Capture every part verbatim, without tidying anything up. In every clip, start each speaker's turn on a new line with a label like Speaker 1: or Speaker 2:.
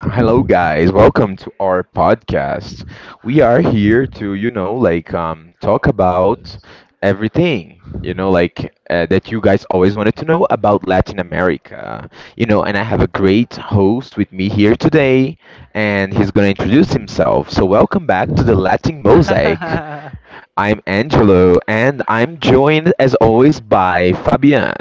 Speaker 1: Hello guys. Welcome to our podcast. We are here to, you know, like um talk about everything, you know, like uh, that you guys always wanted to know about Latin America. You know, and I have a great host with me here today and he's going to introduce himself. So welcome back to the Latin Mosaic. I'm Angelo, and I'm joined as always by Fabian.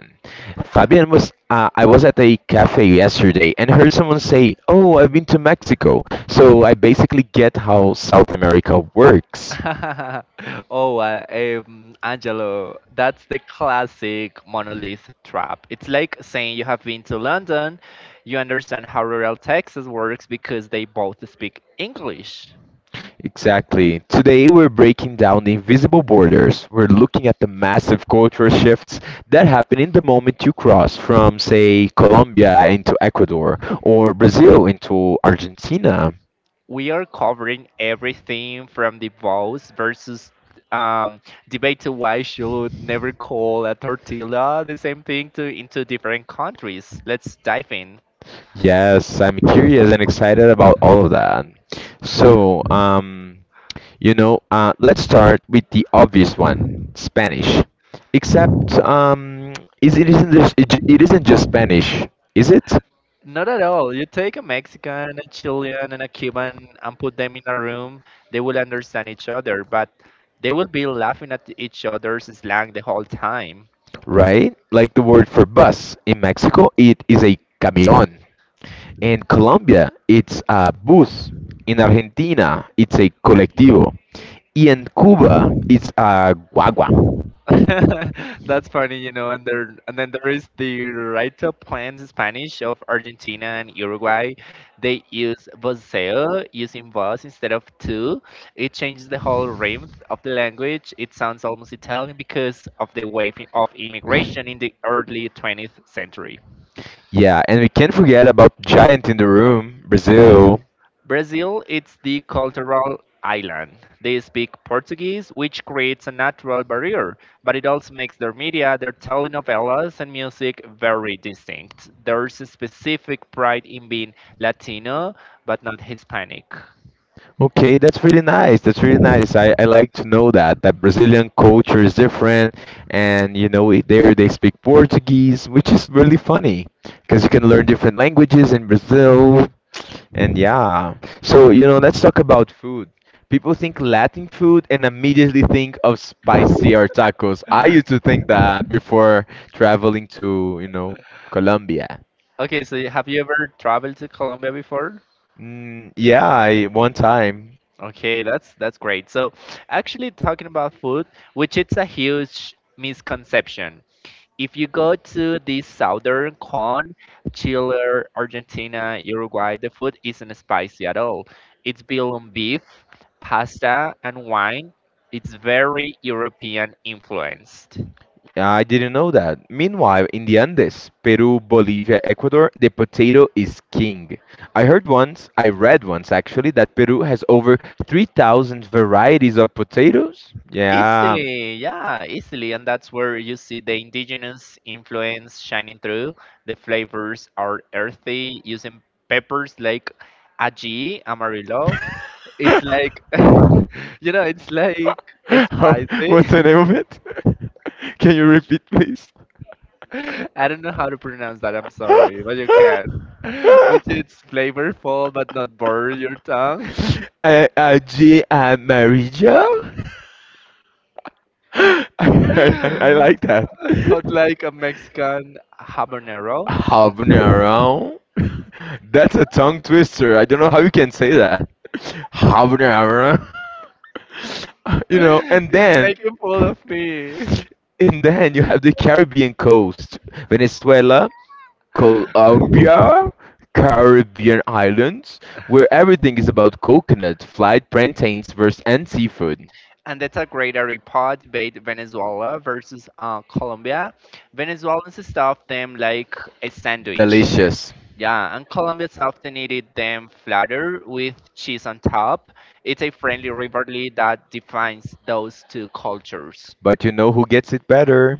Speaker 1: Fabian was uh, I was at a cafe yesterday and heard someone say, "Oh, I've been to Mexico." So I basically get how South America works.
Speaker 2: oh, uh, um, Angelo, that's the classic monolith trap. It's like saying you have been to London, you understand how rural Texas works because they both speak English.
Speaker 1: Exactly. Today we're breaking down the invisible borders. We're looking at the massive cultural shifts that happen in the moment you cross from, say, Colombia into Ecuador or Brazil into Argentina.
Speaker 2: We are covering everything from divorce versus um, debate to why should never call a tortilla the same thing to into different countries. Let's dive in.
Speaker 1: Yes, I'm curious and excited about all of that. So, um, you know, uh, let's start with the obvious one, Spanish. Except, um, is it isn't just, it, ju- it isn't just Spanish, is it?
Speaker 2: Not at all. You take a Mexican, a Chilean, and a Cuban and put them in a room, they will understand each other, but they will be laughing at each other's slang the whole time.
Speaker 1: Right? Like the word for bus in Mexico, it is a camión. In Colombia, it's a bus. In Argentina, it's a colectivo. Y en Cuba, it's a guagua.
Speaker 2: That's funny, you know. And there, and then there is the Rito plans in Spanish of Argentina and Uruguay. They use voceo, using vos instead of tu. It changes the whole rhythm of the language. It sounds almost Italian because of the wave of immigration in the early twentieth century.
Speaker 1: Yeah, and we can't forget about Giant in the Room, Brazil.
Speaker 2: Brazil is the cultural island. They speak Portuguese, which creates a natural barrier, but it also makes their media, their telenovelas, and music very distinct. There's a specific pride in being Latino, but not Hispanic.
Speaker 1: Okay, that's really nice. That's really nice. I like to know that that Brazilian culture is different, and you know it- there they speak Portuguese, which is really funny because you can learn different languages in Brazil. And yeah, so you know, let's talk about food. People think Latin food and immediately think of spicier tacos. I used to think that before traveling to you know Colombia.
Speaker 2: Okay, so have you ever traveled to Colombia before?
Speaker 1: Mm, yeah, I, one time.
Speaker 2: Okay, that's that's great. So, actually talking about food, which it's a huge misconception. If you go to the southern cone, Chile, Argentina, Uruguay, the food isn't spicy at all. It's built on beef, pasta, and wine. It's very European influenced.
Speaker 1: I didn't know that. Meanwhile, in the Andes, Peru, Bolivia, Ecuador, the potato is king. I heard once, I read once actually, that Peru has over three thousand varieties of potatoes. Yeah.
Speaker 2: Easily, yeah, easily. And that's where you see the indigenous influence shining through. The flavors are earthy, using peppers like ají, amarillo. It's like, you know, it's like
Speaker 1: How, what's
Speaker 2: spicy.
Speaker 1: the name of it? Can you repeat, please?
Speaker 2: I don't know how to pronounce that. I'm sorry, but you can. Which it's flavorful but not burn your tongue.
Speaker 1: Eh, Uh, uh, Jay and Mary Jo. I, I I like that.
Speaker 2: But like a Mexican habanero,
Speaker 1: Habanero. That's a tongue twister. I don't know how you can say that. Habanero. You know, and
Speaker 2: it's
Speaker 1: then
Speaker 2: making fool of me.
Speaker 1: and then you have the Caribbean coast, Venezuela, Colombia, Caribbean islands, where everything is about coconut, fried plantains, verse, and seafood.
Speaker 2: And that's a great report debate Venezuela versus uh, Colombia. Venezuelans stuff them like a sandwich.
Speaker 1: Delicious.
Speaker 2: Yeah, and Columbus often eat them flatter with cheese on top. It's a friendly rivalry that defines those two cultures.
Speaker 1: But you know who gets it better?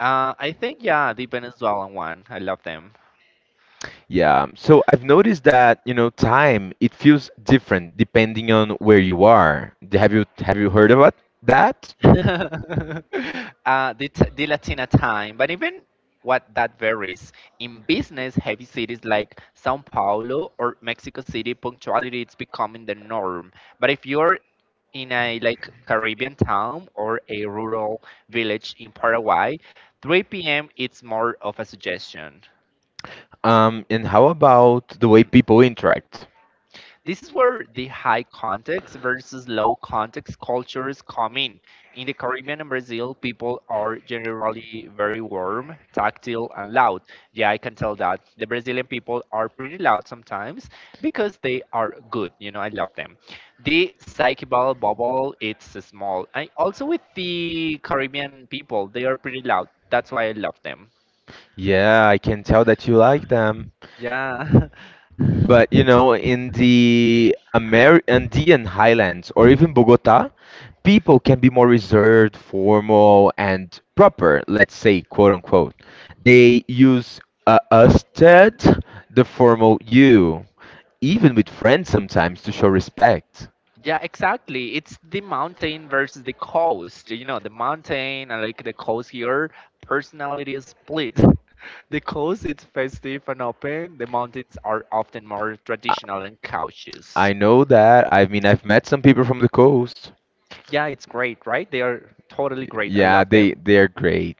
Speaker 2: Uh, I think, yeah, the Venezuelan one. I love them.
Speaker 1: Yeah. So I've noticed that you know time it feels different depending on where you are. D- Have you have you heard about that?
Speaker 2: uh, the, t- the Latina time, but even what that varies. In business, heavy cities like Sao Paulo or Mexico City, punctuality is becoming the norm. But if you're in a like Caribbean town or a rural village in Paraguay, three p m it's more of a suggestion.
Speaker 1: Um, and how about the way people interact?
Speaker 2: This is where the high context versus low context cultures come in. In the Caribbean and Brazil, people are generally very warm, tactile, and loud. Yeah, I can tell that. The Brazilian people are pretty loud sometimes because they are good. You know, I love them. The psychobabble bubble, it's small. I also with the Caribbean people, they are pretty loud. That's why I love them.
Speaker 1: Yeah, I can tell that you like them.
Speaker 2: Yeah.
Speaker 1: But you know, in the Amer Andean highlands or even Bogota, people can be more reserved, formal, and proper, let's say, quote unquote. They use uh, usted, the formal you, even with friends sometimes to show respect.
Speaker 2: Yeah, exactly. It's the mountain versus the coast. You know, the mountain and like the coast here, personality is split. The coast is festive and open. The mountains are often more traditional and
Speaker 1: I
Speaker 2: cautious.
Speaker 1: I know that. I mean, I've met some people from the coast.
Speaker 2: Yeah, it's great, right? They are totally great. I
Speaker 1: Yeah,
Speaker 2: love them.
Speaker 1: they they're great.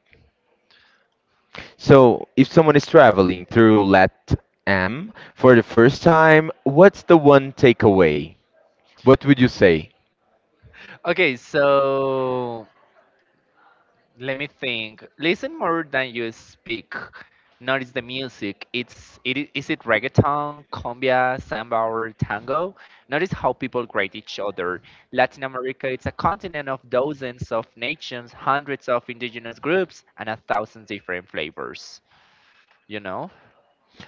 Speaker 1: So, if someone is traveling through LATAM for the first time, what's the one takeaway? What would you say?
Speaker 2: Okay, so let me think. Listen more than you speak. Notice the music. It's it i- is it reggaeton, cumbia, samba, or tango. Notice how people grade each other. Latin America it's a continent of dozens of nations, hundreds of indigenous groups, and a thousand different flavors. You know?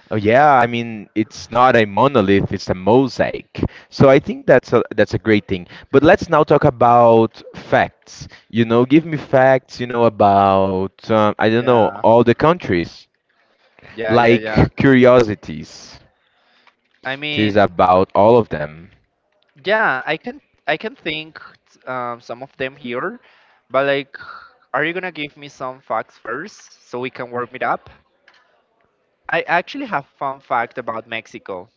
Speaker 1: Oh yeah, I mean it's not a monolith, it's a mosaic. So I think that's a that's a great thing. But let's now talk about facts. You know, give me facts, you know about um, I don't know
Speaker 2: Yeah,
Speaker 1: all the countries
Speaker 2: yeah, yeah,
Speaker 1: like
Speaker 2: yeah.
Speaker 1: curiosities.
Speaker 2: I
Speaker 1: It
Speaker 2: mean,
Speaker 1: is about all of them.
Speaker 2: yeah, I can I can think um, some of them here, but like, are you gonna give me some facts first so we can warm it up? I actually have fun fact about Mexico.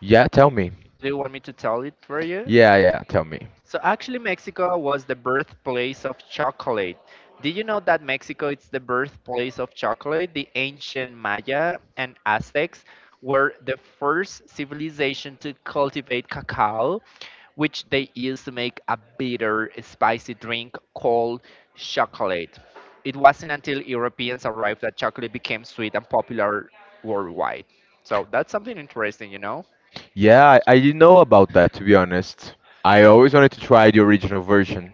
Speaker 1: Yeah, tell me.
Speaker 2: Do you want me to tell it for you?
Speaker 1: Yeah, yeah, tell me.
Speaker 2: So actually, Mexico was the birthplace of chocolate. Did you know that Mexico is the birthplace of chocolate? The ancient Maya and Aztecs were the first civilization to cultivate cacao, which they used to make a bitter, spicy drink called chocolate. It wasn't until Europeans arrived that chocolate became sweet and popular worldwide. So that's something interesting, you know?
Speaker 1: Yeah, I, I didn't know about that to be honest. I always wanted to try the original version.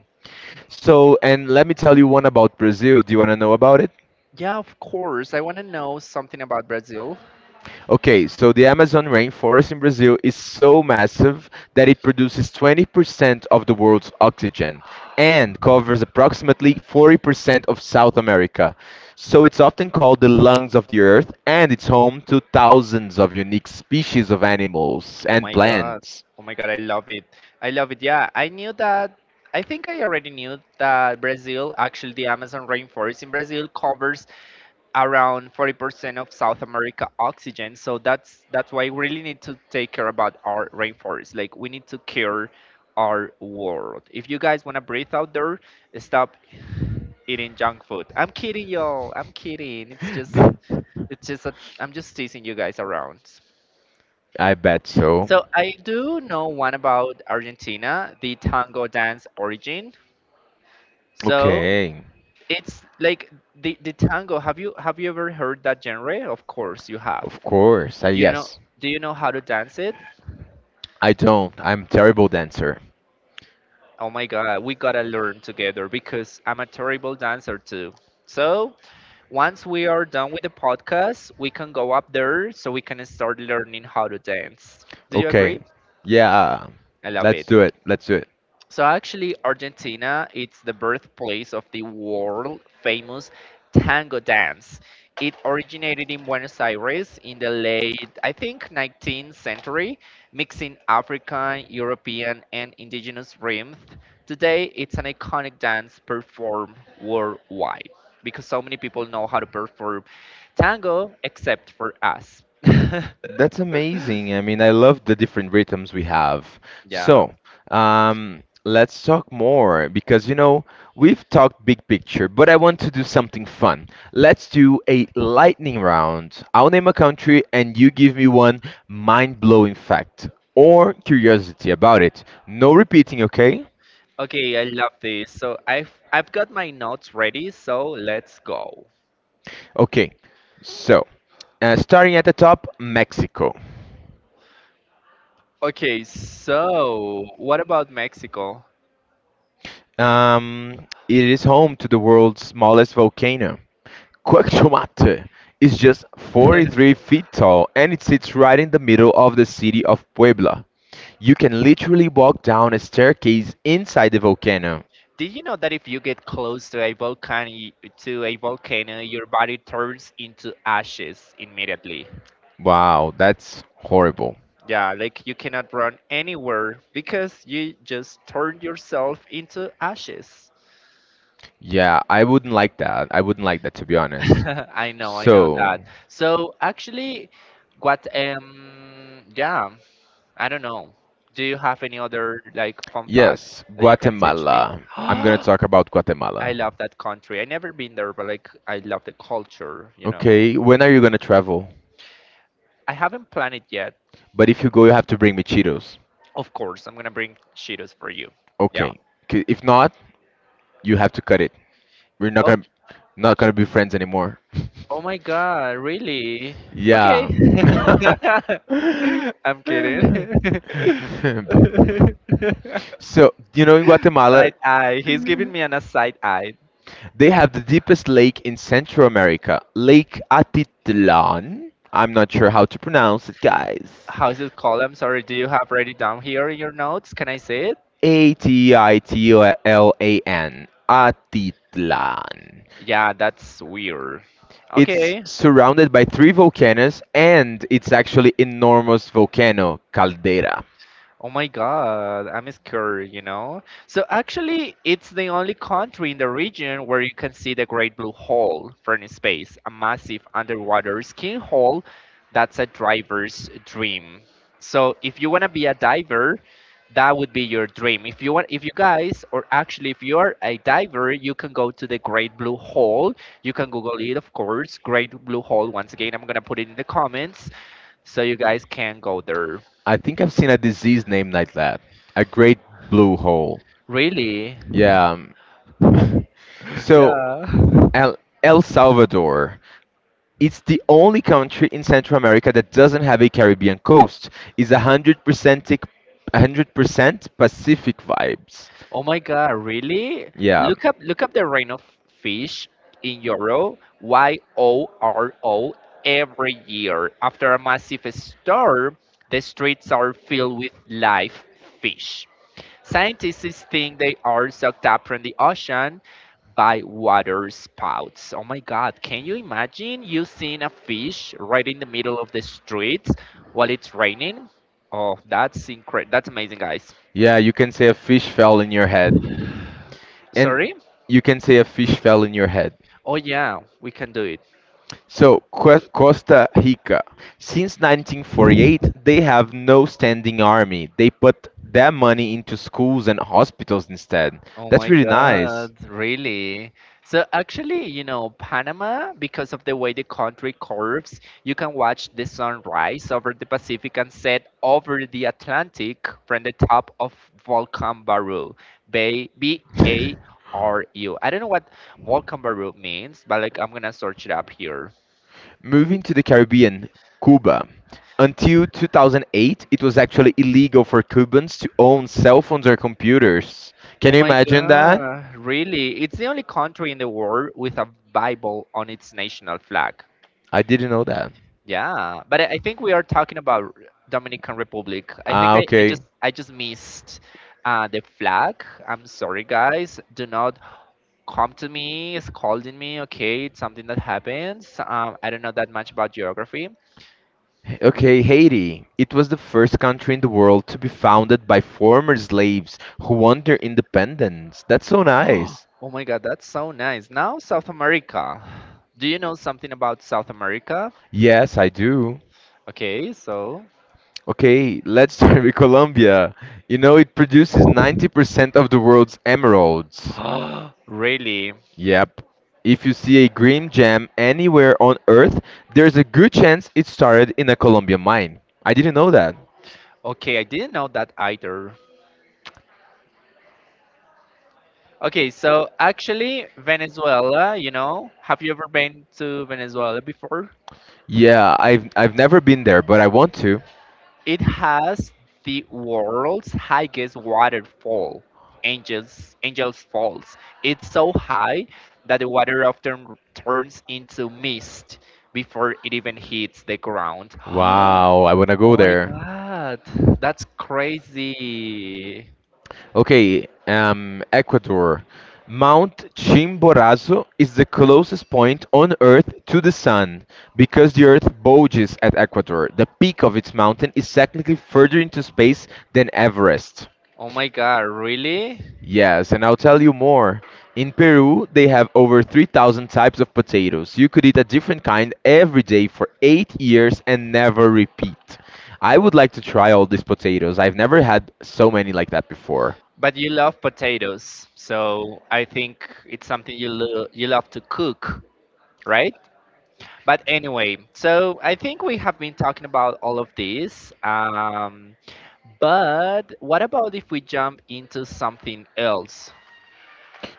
Speaker 1: So, and let me tell you one about Brazil. Do you want to know about it?
Speaker 2: Yeah, of course. I want to know something about Brazil.
Speaker 1: Okay, so the Amazon rainforest in Brazil is so massive that it produces twenty percent of the world's oxygen and covers approximately forty percent of South America. So it's often called the lungs of the earth and it's home to thousands of unique species of animals
Speaker 2: Oh
Speaker 1: and
Speaker 2: my God.
Speaker 1: plants.
Speaker 2: Oh my God, I love it. I love it. Yeah, I knew that. I think I already knew that Brazil, actually, the Amazon rainforest in Brazil covers around forty percent of South America oxygen. So that's that's why we really need to take care about our rainforest. Like we need to care our world. If you guys want to breathe out there, stop eating junk food. I'm kidding y'all. I'm kidding. It's just
Speaker 1: Kidding.
Speaker 2: it's just a, I'm just teasing you guys around.
Speaker 1: I bet so.
Speaker 2: So I do know one about Argentina, the tango dance origin. So
Speaker 1: Okay,
Speaker 2: it's like the, the tango. Have you have you ever heard that genre? Of course you have.
Speaker 1: of course. I,
Speaker 2: You know,
Speaker 1: yes,
Speaker 2: do you know how to dance it?
Speaker 1: I don't. I'm terrible dancer. You
Speaker 2: Oh my god, we gotta learn together because I'm a terrible dancer too. So, once we are done with the podcast, we can go up there so we can start learning how to dance. Do you
Speaker 1: Okay,
Speaker 2: agree?
Speaker 1: yeah. I love
Speaker 2: I
Speaker 1: it.
Speaker 2: love
Speaker 1: Let's
Speaker 2: it.
Speaker 1: do it. Let's do it.
Speaker 2: So actually, Argentina it's the birthplace of the world famous tango dance. It originated in Buenos Aires in the late, I think, nineteenth century, mixing African, European, and indigenous rhythms. Today, it's an iconic dance performed worldwide because so many people know how to perform tango except for us.
Speaker 1: That's amazing. I mean, I love the different rhythms we have.
Speaker 2: yeah.
Speaker 1: So, um, let's talk more because, you know, we've talked big picture, but I want to do something fun. Let's do a lightning round. I'll name a country and you give me one mind-blowing fact or curiosity about it. No repeating, okay?
Speaker 2: Okay, I love this. So I've I've got my notes ready, so let's go.
Speaker 1: Okay. So, uh, starting at the top, Mexico.
Speaker 2: Okay, so what about Mexico?
Speaker 1: Um, it is home to the world's smallest volcano. Quaxomatee is just forty-three feet tall and it sits right in the middle of the city of Puebla. You can literally walk down a staircase inside the volcano.
Speaker 2: Did you know that if you get close to a volcano, to a volcano, your body turns into ashes immediately?
Speaker 1: Wow, that's horrible.
Speaker 2: Yeah, like you cannot run anywhere because you just turn yourself into ashes.
Speaker 1: Yeah, I wouldn't like that. I wouldn't like that to be honest.
Speaker 2: I know, I know
Speaker 1: So,
Speaker 2: that. So actually, what um yeah I don't know. Do you have any other like fun fact
Speaker 1: yes,
Speaker 2: that you can teach me?
Speaker 1: Guatemala. I'm gonna
Speaker 2: I
Speaker 1: talk about Guatemala.
Speaker 2: love that country. I never been there, but like I love the culture, you know.
Speaker 1: Okay, when are you gonna travel?
Speaker 2: I haven't planned it yet.
Speaker 1: But if you go, you have to bring me Cheetos.
Speaker 2: Of course, I'm gonna bring Cheetos for you. Yeah.
Speaker 1: Okay, 'kay, if not, you have to cut it. We're not gonna
Speaker 2: Okay.
Speaker 1: Not gonna be friends anymore.
Speaker 2: Oh my god, really? Okay.
Speaker 1: yeah.
Speaker 2: I'm kidding.
Speaker 1: so you know in Guatemala
Speaker 2: Side eye. He's giving me an a side eye.
Speaker 1: they have the deepest lake in Central America, Lake Atitlan. I'm not sure how to pronounce it, guys.
Speaker 2: How is it called? I'm sorry. Do you have write it down here in your notes? Can I see it?
Speaker 1: A T I T L A N. Atitlan.
Speaker 2: Yeah, that's weird.
Speaker 1: It's
Speaker 2: Okay.
Speaker 1: surrounded by three volcanoes and it's actually enormous volcano caldera.
Speaker 2: Oh my God, I'm scared, you know? So actually, it's the only country in the region where you can see the Great Blue Hole from space, a massive underwater skin hole that's a diver's dream. So if you want to be a diver, that would be your dream. If you want, if you guys, or actually if you are a diver, you can go to the Great Blue Hole. You can Google it, of course. Great Blue Hole. Once again, I'm gonna put it in the comments. So you guys can go there.
Speaker 1: I think I've seen a disease named like that. A great blue hole.
Speaker 2: Really?
Speaker 1: Yeah. um, So
Speaker 2: Yeah.
Speaker 1: El Salvador. It's the only country in Central America that doesn't have a Caribbean coast. It's a hundred percent a hundred percent Pacific vibes.
Speaker 2: Oh my God, really?
Speaker 1: Yeah.
Speaker 2: Look up look up the rain of fish in Euro, Y O R O, every year. After a massive storm, the streets are filled with live fish. Scientists think they are sucked up from the ocean by water spouts. Oh my god, can you imagine you seeing a fish right in the middle of the street while it's raining? Oh, that's incredible. That's amazing, guys.
Speaker 1: Yeah, you can say a fish fell in your head. And
Speaker 2: Sorry?
Speaker 1: you can say a fish fell in your head.
Speaker 2: Oh yeah, we can do it.
Speaker 1: So, Co- Costa Rica, since nineteen forty-eight, they have no standing army. They put their money into schools and hospitals instead.
Speaker 2: Oh
Speaker 1: That's
Speaker 2: my
Speaker 1: really nice.
Speaker 2: God, really? So actually, you know, Panama, because of the way the country curves, you can watch the sunrise over the Pacific and set over the Atlantic from the top of Volcán Barú, Bay B A R U. I don't know what Volcán Barú means, but like I'm gonna search it up here.
Speaker 1: Moving to the Caribbean, Cuba. Until two thousand eight, it was actually illegal for Cubans to own cell phones or computers. Can
Speaker 2: Oh
Speaker 1: you
Speaker 2: my
Speaker 1: imagine that?
Speaker 2: God, really? It's the only country in the world with a Bible on its national flag.
Speaker 1: I didn't know that.
Speaker 2: Yeah, but I I think we are talking about r- Dominican Republic. I
Speaker 1: Ah,
Speaker 2: think I, I
Speaker 1: okay.
Speaker 2: just I just missed uh, the flag. I'm sorry, guys. Do not come to me scolding me. Okay, it's something that happens. Um, I don't know that much about geography.
Speaker 1: Okay, Haiti. It was the first country in the world to be founded by former slaves who won their independence. That's so nice.
Speaker 2: Oh my God, that's so nice. Now South America. Do you know something about South America?
Speaker 1: Yes, I do.
Speaker 2: Okay, so
Speaker 1: Okay, let's start with Colombia. You know, it produces ninety percent of the world's emeralds.
Speaker 2: really?
Speaker 1: Yep. If you see a green gem anywhere on Earth, there's a good chance it started in a Colombian mine. I didn't know that.
Speaker 2: Okay, I didn't know that either. Okay, so actually, Venezuela, you know, have you ever been to Venezuela before?
Speaker 1: Yeah, I've I've never been there, but I want to.
Speaker 2: It has the world's highest waterfall, Angels Angels Falls. It's so high that the water often turns into mist before it even hits the ground.
Speaker 1: Wow, I wanna go
Speaker 2: Oh my
Speaker 1: there.
Speaker 2: god, that's crazy.
Speaker 1: Okay, um, Ecuador. Mount Chimborazo is the closest point on Earth to the Sun because the Earth bulges at Ecuador. The peak of its mountain is technically further into space than Everest.
Speaker 2: Oh my god, really?
Speaker 1: Yes, and I'll tell you more. In Peru, they have over three thousand types of potatoes. You could eat a different kind every day for eight years and never repeat. I would like to try all these potatoes. I've never had so many like that before.
Speaker 2: But you love potatoes, so I think it's something you lo- you love to cook, right? But anyway, so I think we have been talking about all of this. Um, but what about if we jump into something else?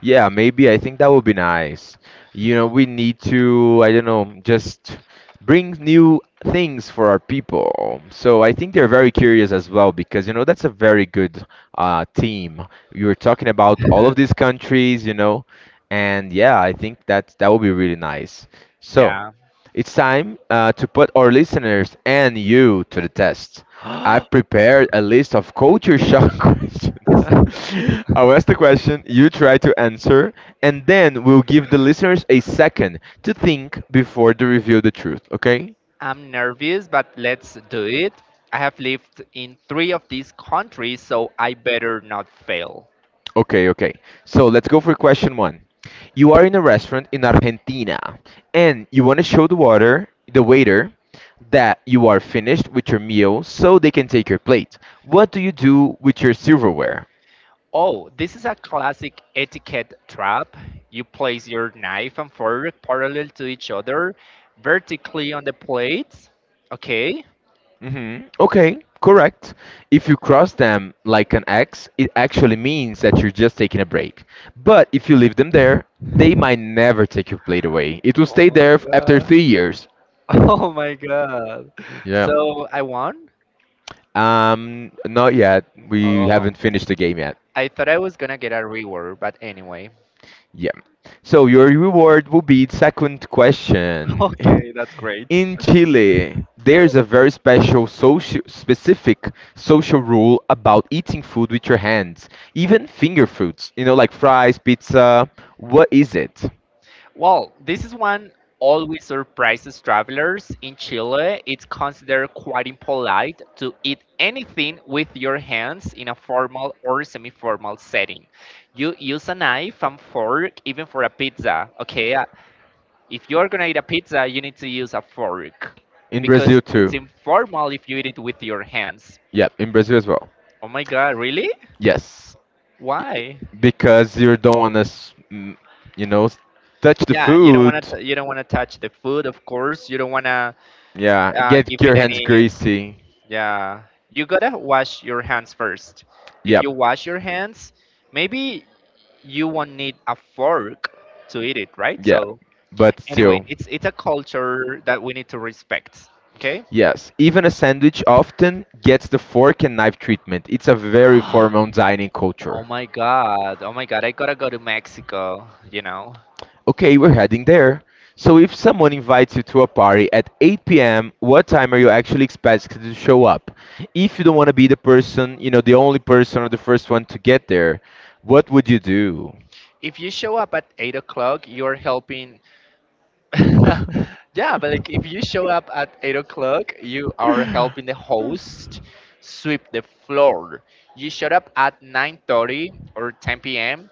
Speaker 1: Yeah, maybe I think that would be nice. You know, we need to, I don't know, just bring new things for our people. So I think they're very curious as well because, you know, that's a very good uh, team. You were talking about all of these countries, you know, and yeah, I think that that would be really nice. So
Speaker 2: yeah.
Speaker 1: yeah, it's time uh, to put our listeners and you to the test. I prepared a list of culture shock questions. I'll ask the question, you try to answer, and then we'll give the listeners a second to think before they reveal the truth, okay?
Speaker 2: I'm nervous, but let's do it. I have lived in three of these countries, so I better not fail.
Speaker 1: Okay, okay. So let's go for question one. You are in a restaurant in Argentina, and you want to show the water, the waiter, that you are finished with your meal so they can take your plate. What do you do with your silverware?
Speaker 2: Oh, this is a classic etiquette trap. You place your knife and fork parallel to each other, vertically on the plates. Okay.
Speaker 1: Hmm. Okay, correct. If you cross them like an X, it actually means that you're just taking a break. But if you leave them there, they might never take your plate away. It will
Speaker 2: Oh
Speaker 1: stay
Speaker 2: my
Speaker 1: there f- after
Speaker 2: god.
Speaker 1: three years.
Speaker 2: Oh my god.
Speaker 1: Yeah.
Speaker 2: So I won?
Speaker 1: Um, not yet. We
Speaker 2: Um,
Speaker 1: haven't finished the game yet.
Speaker 2: I thought I was gonna get a reward, but anyway.
Speaker 1: Yeah. So your reward will be second question.
Speaker 2: Okay, that's great.
Speaker 1: In Chile, there's a very special social, specific social rule about eating food with your hands, even finger foods, you know, like fries, pizza. What is it?
Speaker 2: Well, this is one always surprises travelers. In Chile, it's considered quite impolite to eat anything with your hands in a formal or semi formal setting. You use a knife and fork even for a pizza, okay? Uh, If you're gonna eat a pizza, you need to use a fork
Speaker 1: In Brazil
Speaker 2: because
Speaker 1: too.
Speaker 2: it's informal if you eat it with your hands.
Speaker 1: Yeah, in Brazil as well.
Speaker 2: Oh my god, really?
Speaker 1: Yes,
Speaker 2: Why?
Speaker 1: because you don't want to, you know, touch the
Speaker 2: Yeah,
Speaker 1: food.
Speaker 2: you don't want to you don't want to touch the food, of course. You don't want to
Speaker 1: Yeah,
Speaker 2: uh,
Speaker 1: get
Speaker 2: give
Speaker 1: your
Speaker 2: it
Speaker 1: hands
Speaker 2: any.
Speaker 1: greasy.
Speaker 2: Yeah, you gotta wash your hands first. If you
Speaker 1: Yep,
Speaker 2: wash your hands, maybe you won't need a fork to eat it, right?
Speaker 1: yeah,
Speaker 2: So
Speaker 1: but
Speaker 2: anyway,
Speaker 1: still.
Speaker 2: it's it's a culture that we need to respect. Okay.
Speaker 1: Yes, even a sandwich often gets the fork and knife treatment. It's a very formal dining
Speaker 2: Oh
Speaker 1: culture.
Speaker 2: my god! Oh my god! I gotta go to Mexico. You know,
Speaker 1: Okay, we're heading there. So if someone invites you to a party at eight p m, what time are you actually expected to show up? If you don't want to be the person, you know, the only person or the first one to get there, what would you do?
Speaker 2: if you show up at eight o'clock, you're helping. Yeah, but like if you show up at eight o'clock, you are helping the host sweep the floor. You showed up at nine thirty or ten p m.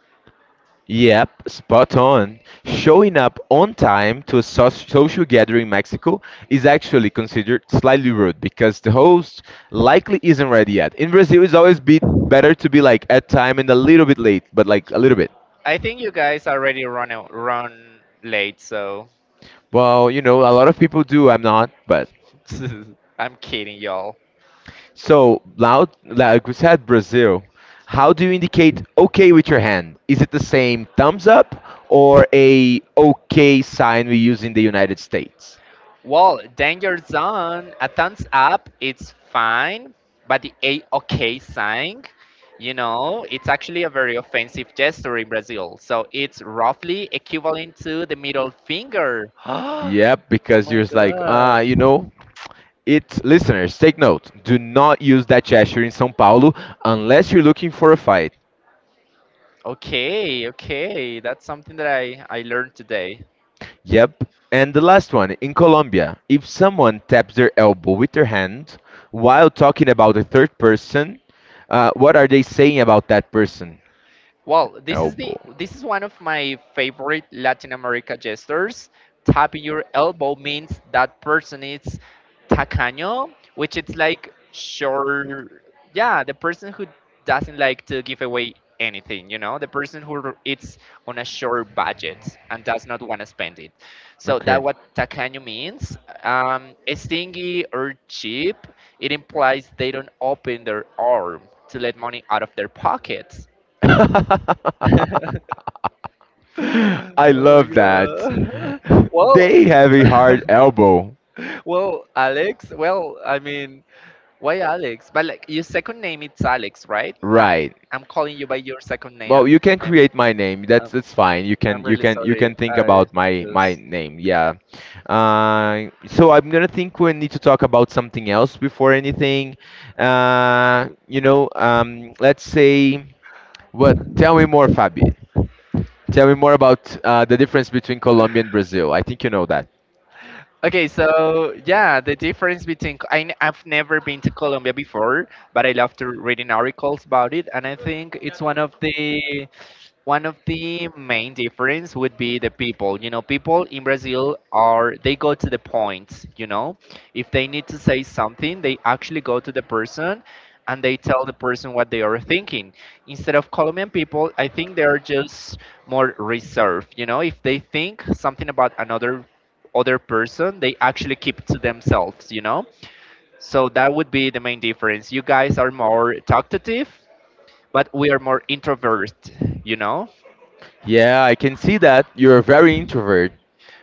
Speaker 1: Yep, spot on. Showing up on time to a so- social gathering in Mexico is actually considered slightly rude because the host likely isn't ready yet. In Brazil, it's always be better to be like at time and a little bit late, but like a little bit.
Speaker 2: I think you guys already run out, run late, so.
Speaker 1: Well, you know, a lot of people do. I'm not, but
Speaker 2: I'm kidding y'all.
Speaker 1: so loud. Like we said, Brazil. How do you indicate okay with your hand? Is it the same thumbs up or a okay sign we use in the United States?
Speaker 2: Well, danger zone, a thumbs up, it's fine, but the A OK sign, you know, it's actually a very offensive gesture in Brazil. So it's roughly equivalent to the
Speaker 1: Into
Speaker 2: middle finger.
Speaker 1: Yeah,
Speaker 2: Oh
Speaker 1: because
Speaker 2: my
Speaker 1: you're like, uh,
Speaker 2: god.
Speaker 1: you know, it's listeners, take note. Do not use that gesture in São Paulo unless you're looking for a fight.
Speaker 2: Okay, okay. That's something that I, I learned today.
Speaker 1: Yep. And the last one, in Colombia, if someone taps their elbow with their hand while talking about a third person, uh, what are they saying about that person?
Speaker 2: Well, this is the
Speaker 1: Elbow.
Speaker 2: this is one of my favorite Latin America gestures. Tapping your elbow means that person is tacaño, which it's like sure, yeah, the person who doesn't like to give away anything, you know, the person who r- it's on a short budget and does not want to spend it. So
Speaker 1: Okay.
Speaker 2: that what
Speaker 1: That
Speaker 2: tacaño means. Um, stingy or cheap, it implies they don't open their arm to let money out of their pockets.
Speaker 1: I
Speaker 2: Oh my
Speaker 1: love that.
Speaker 2: god. Well,
Speaker 1: They have a hard elbow,
Speaker 2: well, Alex. Well, I mean, why Alex? But like your second name, it's Alex, right? I'm
Speaker 1: right?
Speaker 2: I'm calling you by your second name.
Speaker 1: Well, you can
Speaker 2: I'm
Speaker 1: create my name.
Speaker 2: I'm,
Speaker 1: That's that's fine. You
Speaker 2: I'm
Speaker 1: can you
Speaker 2: really
Speaker 1: can you
Speaker 2: sorry.
Speaker 1: can think
Speaker 2: I
Speaker 1: about my my
Speaker 2: just.
Speaker 1: name. Yeah. Uh, so I'm gonna think we need to talk about something else before anything. Uh, you know, um, let's say what? Tell me more, Fabi. Tell me more about uh, the difference between Colombia and Brazil. I think you know that.
Speaker 2: Okay, so yeah, the difference between I, n- I've never been to Colombia before, but I love to reading articles about it, and I think it's one of the one of the main difference would be the people, you know, people in Brazil, are they go to the point, you know? If they need to say something, they actually go to the person and they tell the person what they are thinking. Instead of Colombian people, I think they are just more reserved, you know? If they think something about another other person, they actually keep to themselves, you know? So that would be the main difference. You guys are more talkative, but we are more introvert, you know?
Speaker 1: Yeah, I can see that you're very introvert.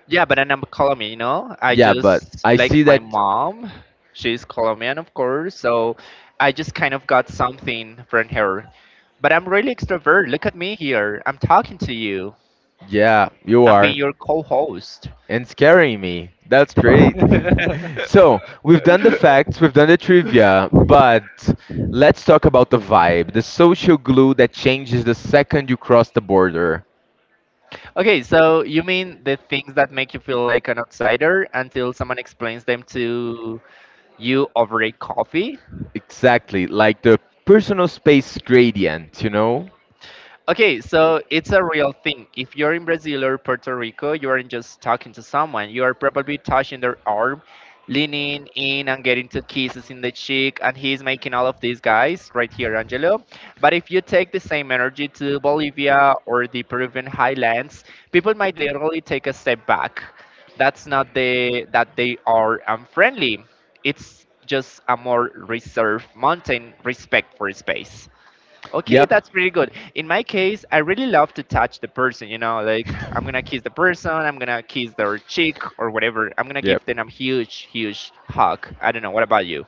Speaker 2: Yeah, but then I'm Colombian, you know. I Yeah,
Speaker 1: Yeah, but
Speaker 2: just
Speaker 1: I
Speaker 2: like
Speaker 1: see
Speaker 2: my
Speaker 1: that.
Speaker 2: mom, she's Colombian, of course, so I just kind of got something from her. But I'm really extrovert. Look at me here. I'm talking to you.
Speaker 1: Yeah, you
Speaker 2: I'm
Speaker 1: are.
Speaker 2: being your co-host.
Speaker 1: And scaring me. That's great. So we've done the facts, we've done the trivia, but let's talk about the vibe, the social glue that changes the second you cross the border.
Speaker 2: Okay, so you mean the things that make you feel like an outsider until someone explains them to you over a coffee?
Speaker 1: Exactly, like the personal space gradient, you know?
Speaker 2: Okay, so it's a real thing. If you're in Brazil or Puerto Rico, you aren't just talking to someone. You are probably touching their arm, leaning in and getting two kisses in the cheek, and he's making all of these guys right here, Angelo. But if you take the same energy to Bolivia or the Peruvian highlands, people might literally take a step back. That's not the that they are unfriendly. It's just a more reserved, mountain respect for space. Okay,
Speaker 1: Yep.
Speaker 2: that's pretty good. In my case, I really love to touch the person, you know, like I'm gonna kiss the person, I'm gonna kiss their cheek or whatever. I'm gonna
Speaker 1: Yeah.
Speaker 2: give them a huge, huge hug. I don't know, what about you?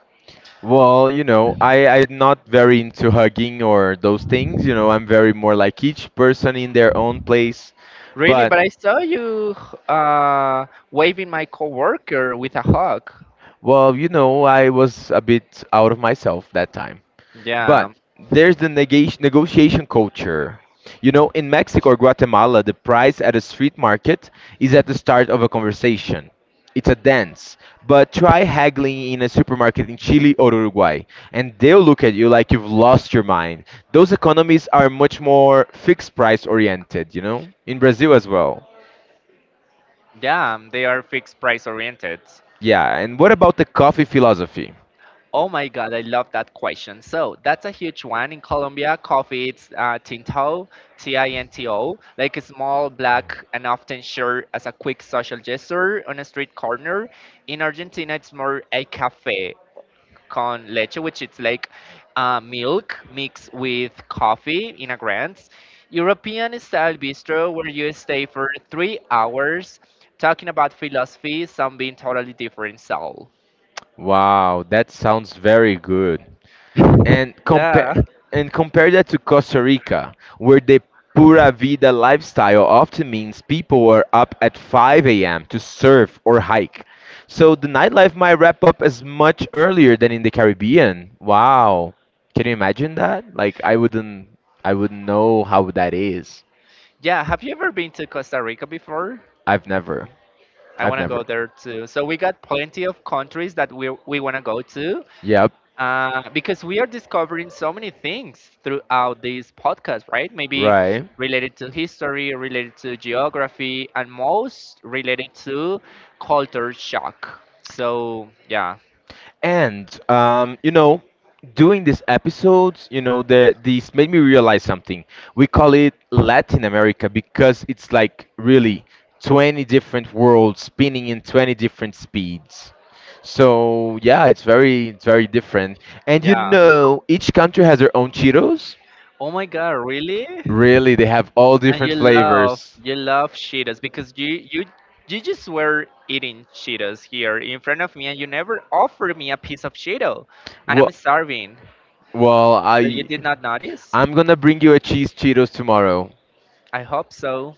Speaker 1: Well, you know, I, I'm not very into hugging or those things. You know, I'm very more like each person in their own place.
Speaker 2: Really?
Speaker 1: But
Speaker 2: But I saw you uh, waving my coworker with a hug.
Speaker 1: well, you know, I was a bit out of myself that time.
Speaker 2: Yeah,
Speaker 1: But there's the negati- negotiation culture. You know, in Mexico or Guatemala, the price at a street market is at the start of a conversation. It's a dance. But try haggling in a supermarket in Chile or Uruguay, and they'll look at you like you've lost your mind. Those economies are much more fixed price oriented, you know? In Brazil as well.
Speaker 2: yeah, they are fixed price oriented.
Speaker 1: Yeah, and what about the coffee philosophy?
Speaker 2: Oh my God, I love that question. So that's a huge one in Colombia. Coffee, it's uh, Tinto, T I N T O, like a small black and often shared as a quick social gesture on a street corner. In Argentina, it's more a cafe con leche, which it's like uh, milk mixed with coffee in a grand European style bistro where you stay for three hours talking about philosophy, some being totally different soul.
Speaker 1: Wow, that sounds very good. And compare
Speaker 2: Yeah.
Speaker 1: and compare that to Costa Rica, where the pura vida lifestyle often means people are up at five a m to surf or hike. So the nightlife might wrap up as much earlier than in the Caribbean. Wow. Can you imagine that? Like I wouldn't I wouldn't know how that is.
Speaker 2: Yeah, have you ever been to Costa Rica before?
Speaker 1: I've never.
Speaker 2: I
Speaker 1: I've
Speaker 2: want to go
Speaker 1: never.
Speaker 2: there too. So we got plenty of countries that we we want to go to
Speaker 1: Yep.
Speaker 2: uh, because we are discovering so many things throughout this podcast, right? Maybe
Speaker 1: Right.
Speaker 2: related to history, related to geography, and most related to culture shock. So yeah,
Speaker 1: And um, you know, doing these episodes, you know, the these made me realize something. We call it Latin America because it's like really twenty different worlds spinning in twenty different speeds. So yeah, it's very it's very different. And you
Speaker 2: yeah.
Speaker 1: know, each country has their own Cheetos.
Speaker 2: Oh my God, really?
Speaker 1: Really, they have all
Speaker 2: And you
Speaker 1: different
Speaker 2: love
Speaker 1: flavors.
Speaker 2: you love Cheetos because you you you just were eating Cheetos here in front of me and you never offered me a piece of Cheeto and I'm
Speaker 1: Well,
Speaker 2: starving.
Speaker 1: Well, I
Speaker 2: So you did not notice?
Speaker 1: I'm gonna bring you a cheese Cheetos tomorrow.
Speaker 2: I hope so.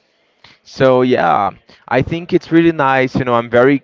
Speaker 1: So yeah, I think it's really nice. You know, I'm very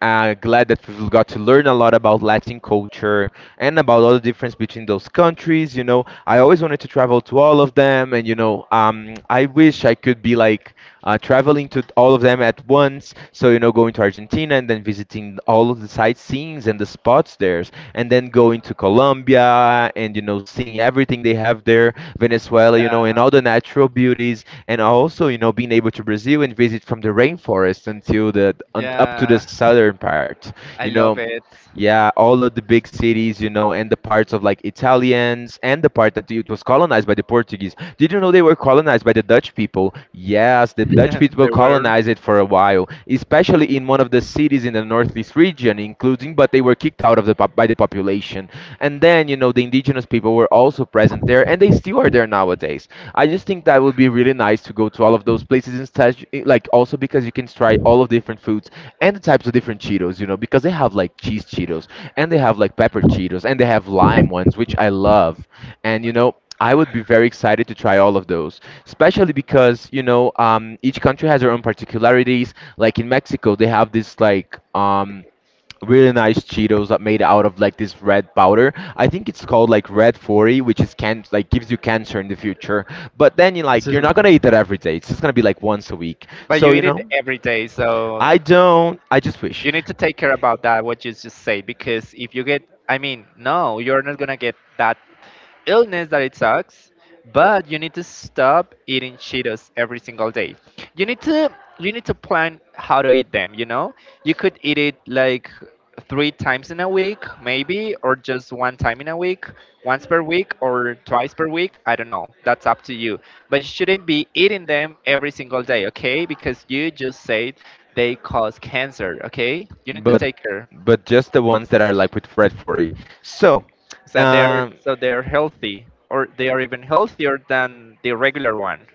Speaker 1: uh, glad that we've got to learn a lot about Latin culture and about all the difference between those countries. You know, I always wanted to travel to all of them, and you know, um, I wish I could be like uh, traveling to all of them at once. So you know, going to Argentina and then visiting all of the sightseeings and the spots there, and then going to Colombia and you know, seeing everything they have there, Venezuela, you
Speaker 2: Yeah,
Speaker 1: know, and all the natural beauties and also you know being able to Brazil and visit from the rainforest until the un, up to the
Speaker 2: yeah,
Speaker 1: southern part.
Speaker 2: I
Speaker 1: You
Speaker 2: love
Speaker 1: know,
Speaker 2: it.
Speaker 1: yeah, all of the big cities, you know, and the parts of like Italians and the part that it was colonized by the Portuguese. Did you know they were colonized by the Dutch people? Yes, the Dutch people
Speaker 2: They were.
Speaker 1: colonized it for a while, especially in one of the cities in the northeast region, including, but they were kicked out of the pop- by the population. And then, you know, the indigenous people were also present there and they still are there nowadays. I just think that would be really nice to go to all of those places instead, like also because you can try all of different foods and the types of different Cheetos, you know, because they have like cheese Cheetos and they have like pepper Cheetos and they have lime ones, which I love. And, you know, I would be very excited to try all of those, especially because you know um, each country has their own particularities. Like in Mexico, they have this like um, really nice Cheetos that made out of like this red powder. I think it's called like red forty, which is can like gives you cancer in the future. But then you like you're not gonna eat that every day. It's just gonna be like once a week.
Speaker 2: But you
Speaker 1: So you
Speaker 2: eat it
Speaker 1: know,
Speaker 2: every day, so
Speaker 1: I don't. I just wish.
Speaker 2: you need to take care about that what you just say because if you get, I mean, no, you're not gonna get that illness that it sucks, but you need to stop eating Cheetos every single day. You need to you need to plan how to eat them, you know? You could eat it like three times in a week, maybe, or just one time in a week, once per week or twice per week. I don't know. That's up to you. But you shouldn't be eating them every single day, okay? Because you just said they cause cancer, okay? You need to
Speaker 1: But
Speaker 2: take care.
Speaker 1: but just the ones that are like with red forty. So,
Speaker 2: So they're,
Speaker 1: um.
Speaker 2: so they're healthy or they are even healthier than the regular one?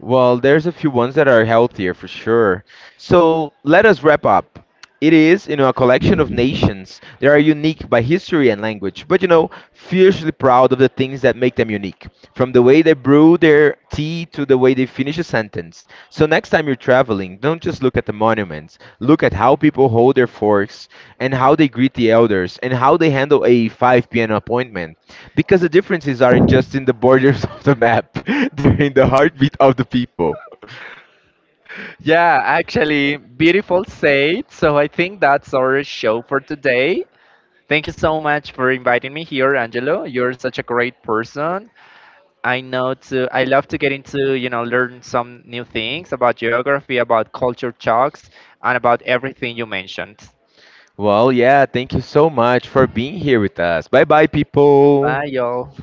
Speaker 1: Well, there's a few ones that are healthier for sure. So let us wrap up. It is, you know, a collection of nations. They are unique by history and language, but you know, fiercely proud of the things that make them unique. From the way they brew their tea to the way they finish a sentence. So next time you're traveling, don't just look at the monuments. Look at how people hold their forks and how they greet the elders and how they handle a five p m appointment. Because the differences aren't just in the borders of the map, they're in the heartbeat of the people.
Speaker 2: Yeah, actually beautiful said. So I think that's our show for today. Thank you so much for inviting me here, Angelo. You're such a great person. I know to I love to get into, you know, learn some new things about geography, about culture shocks, and about everything you mentioned.
Speaker 1: Well, yeah, thank you so much for being here with us. Bye bye, people.
Speaker 2: Bye y'all.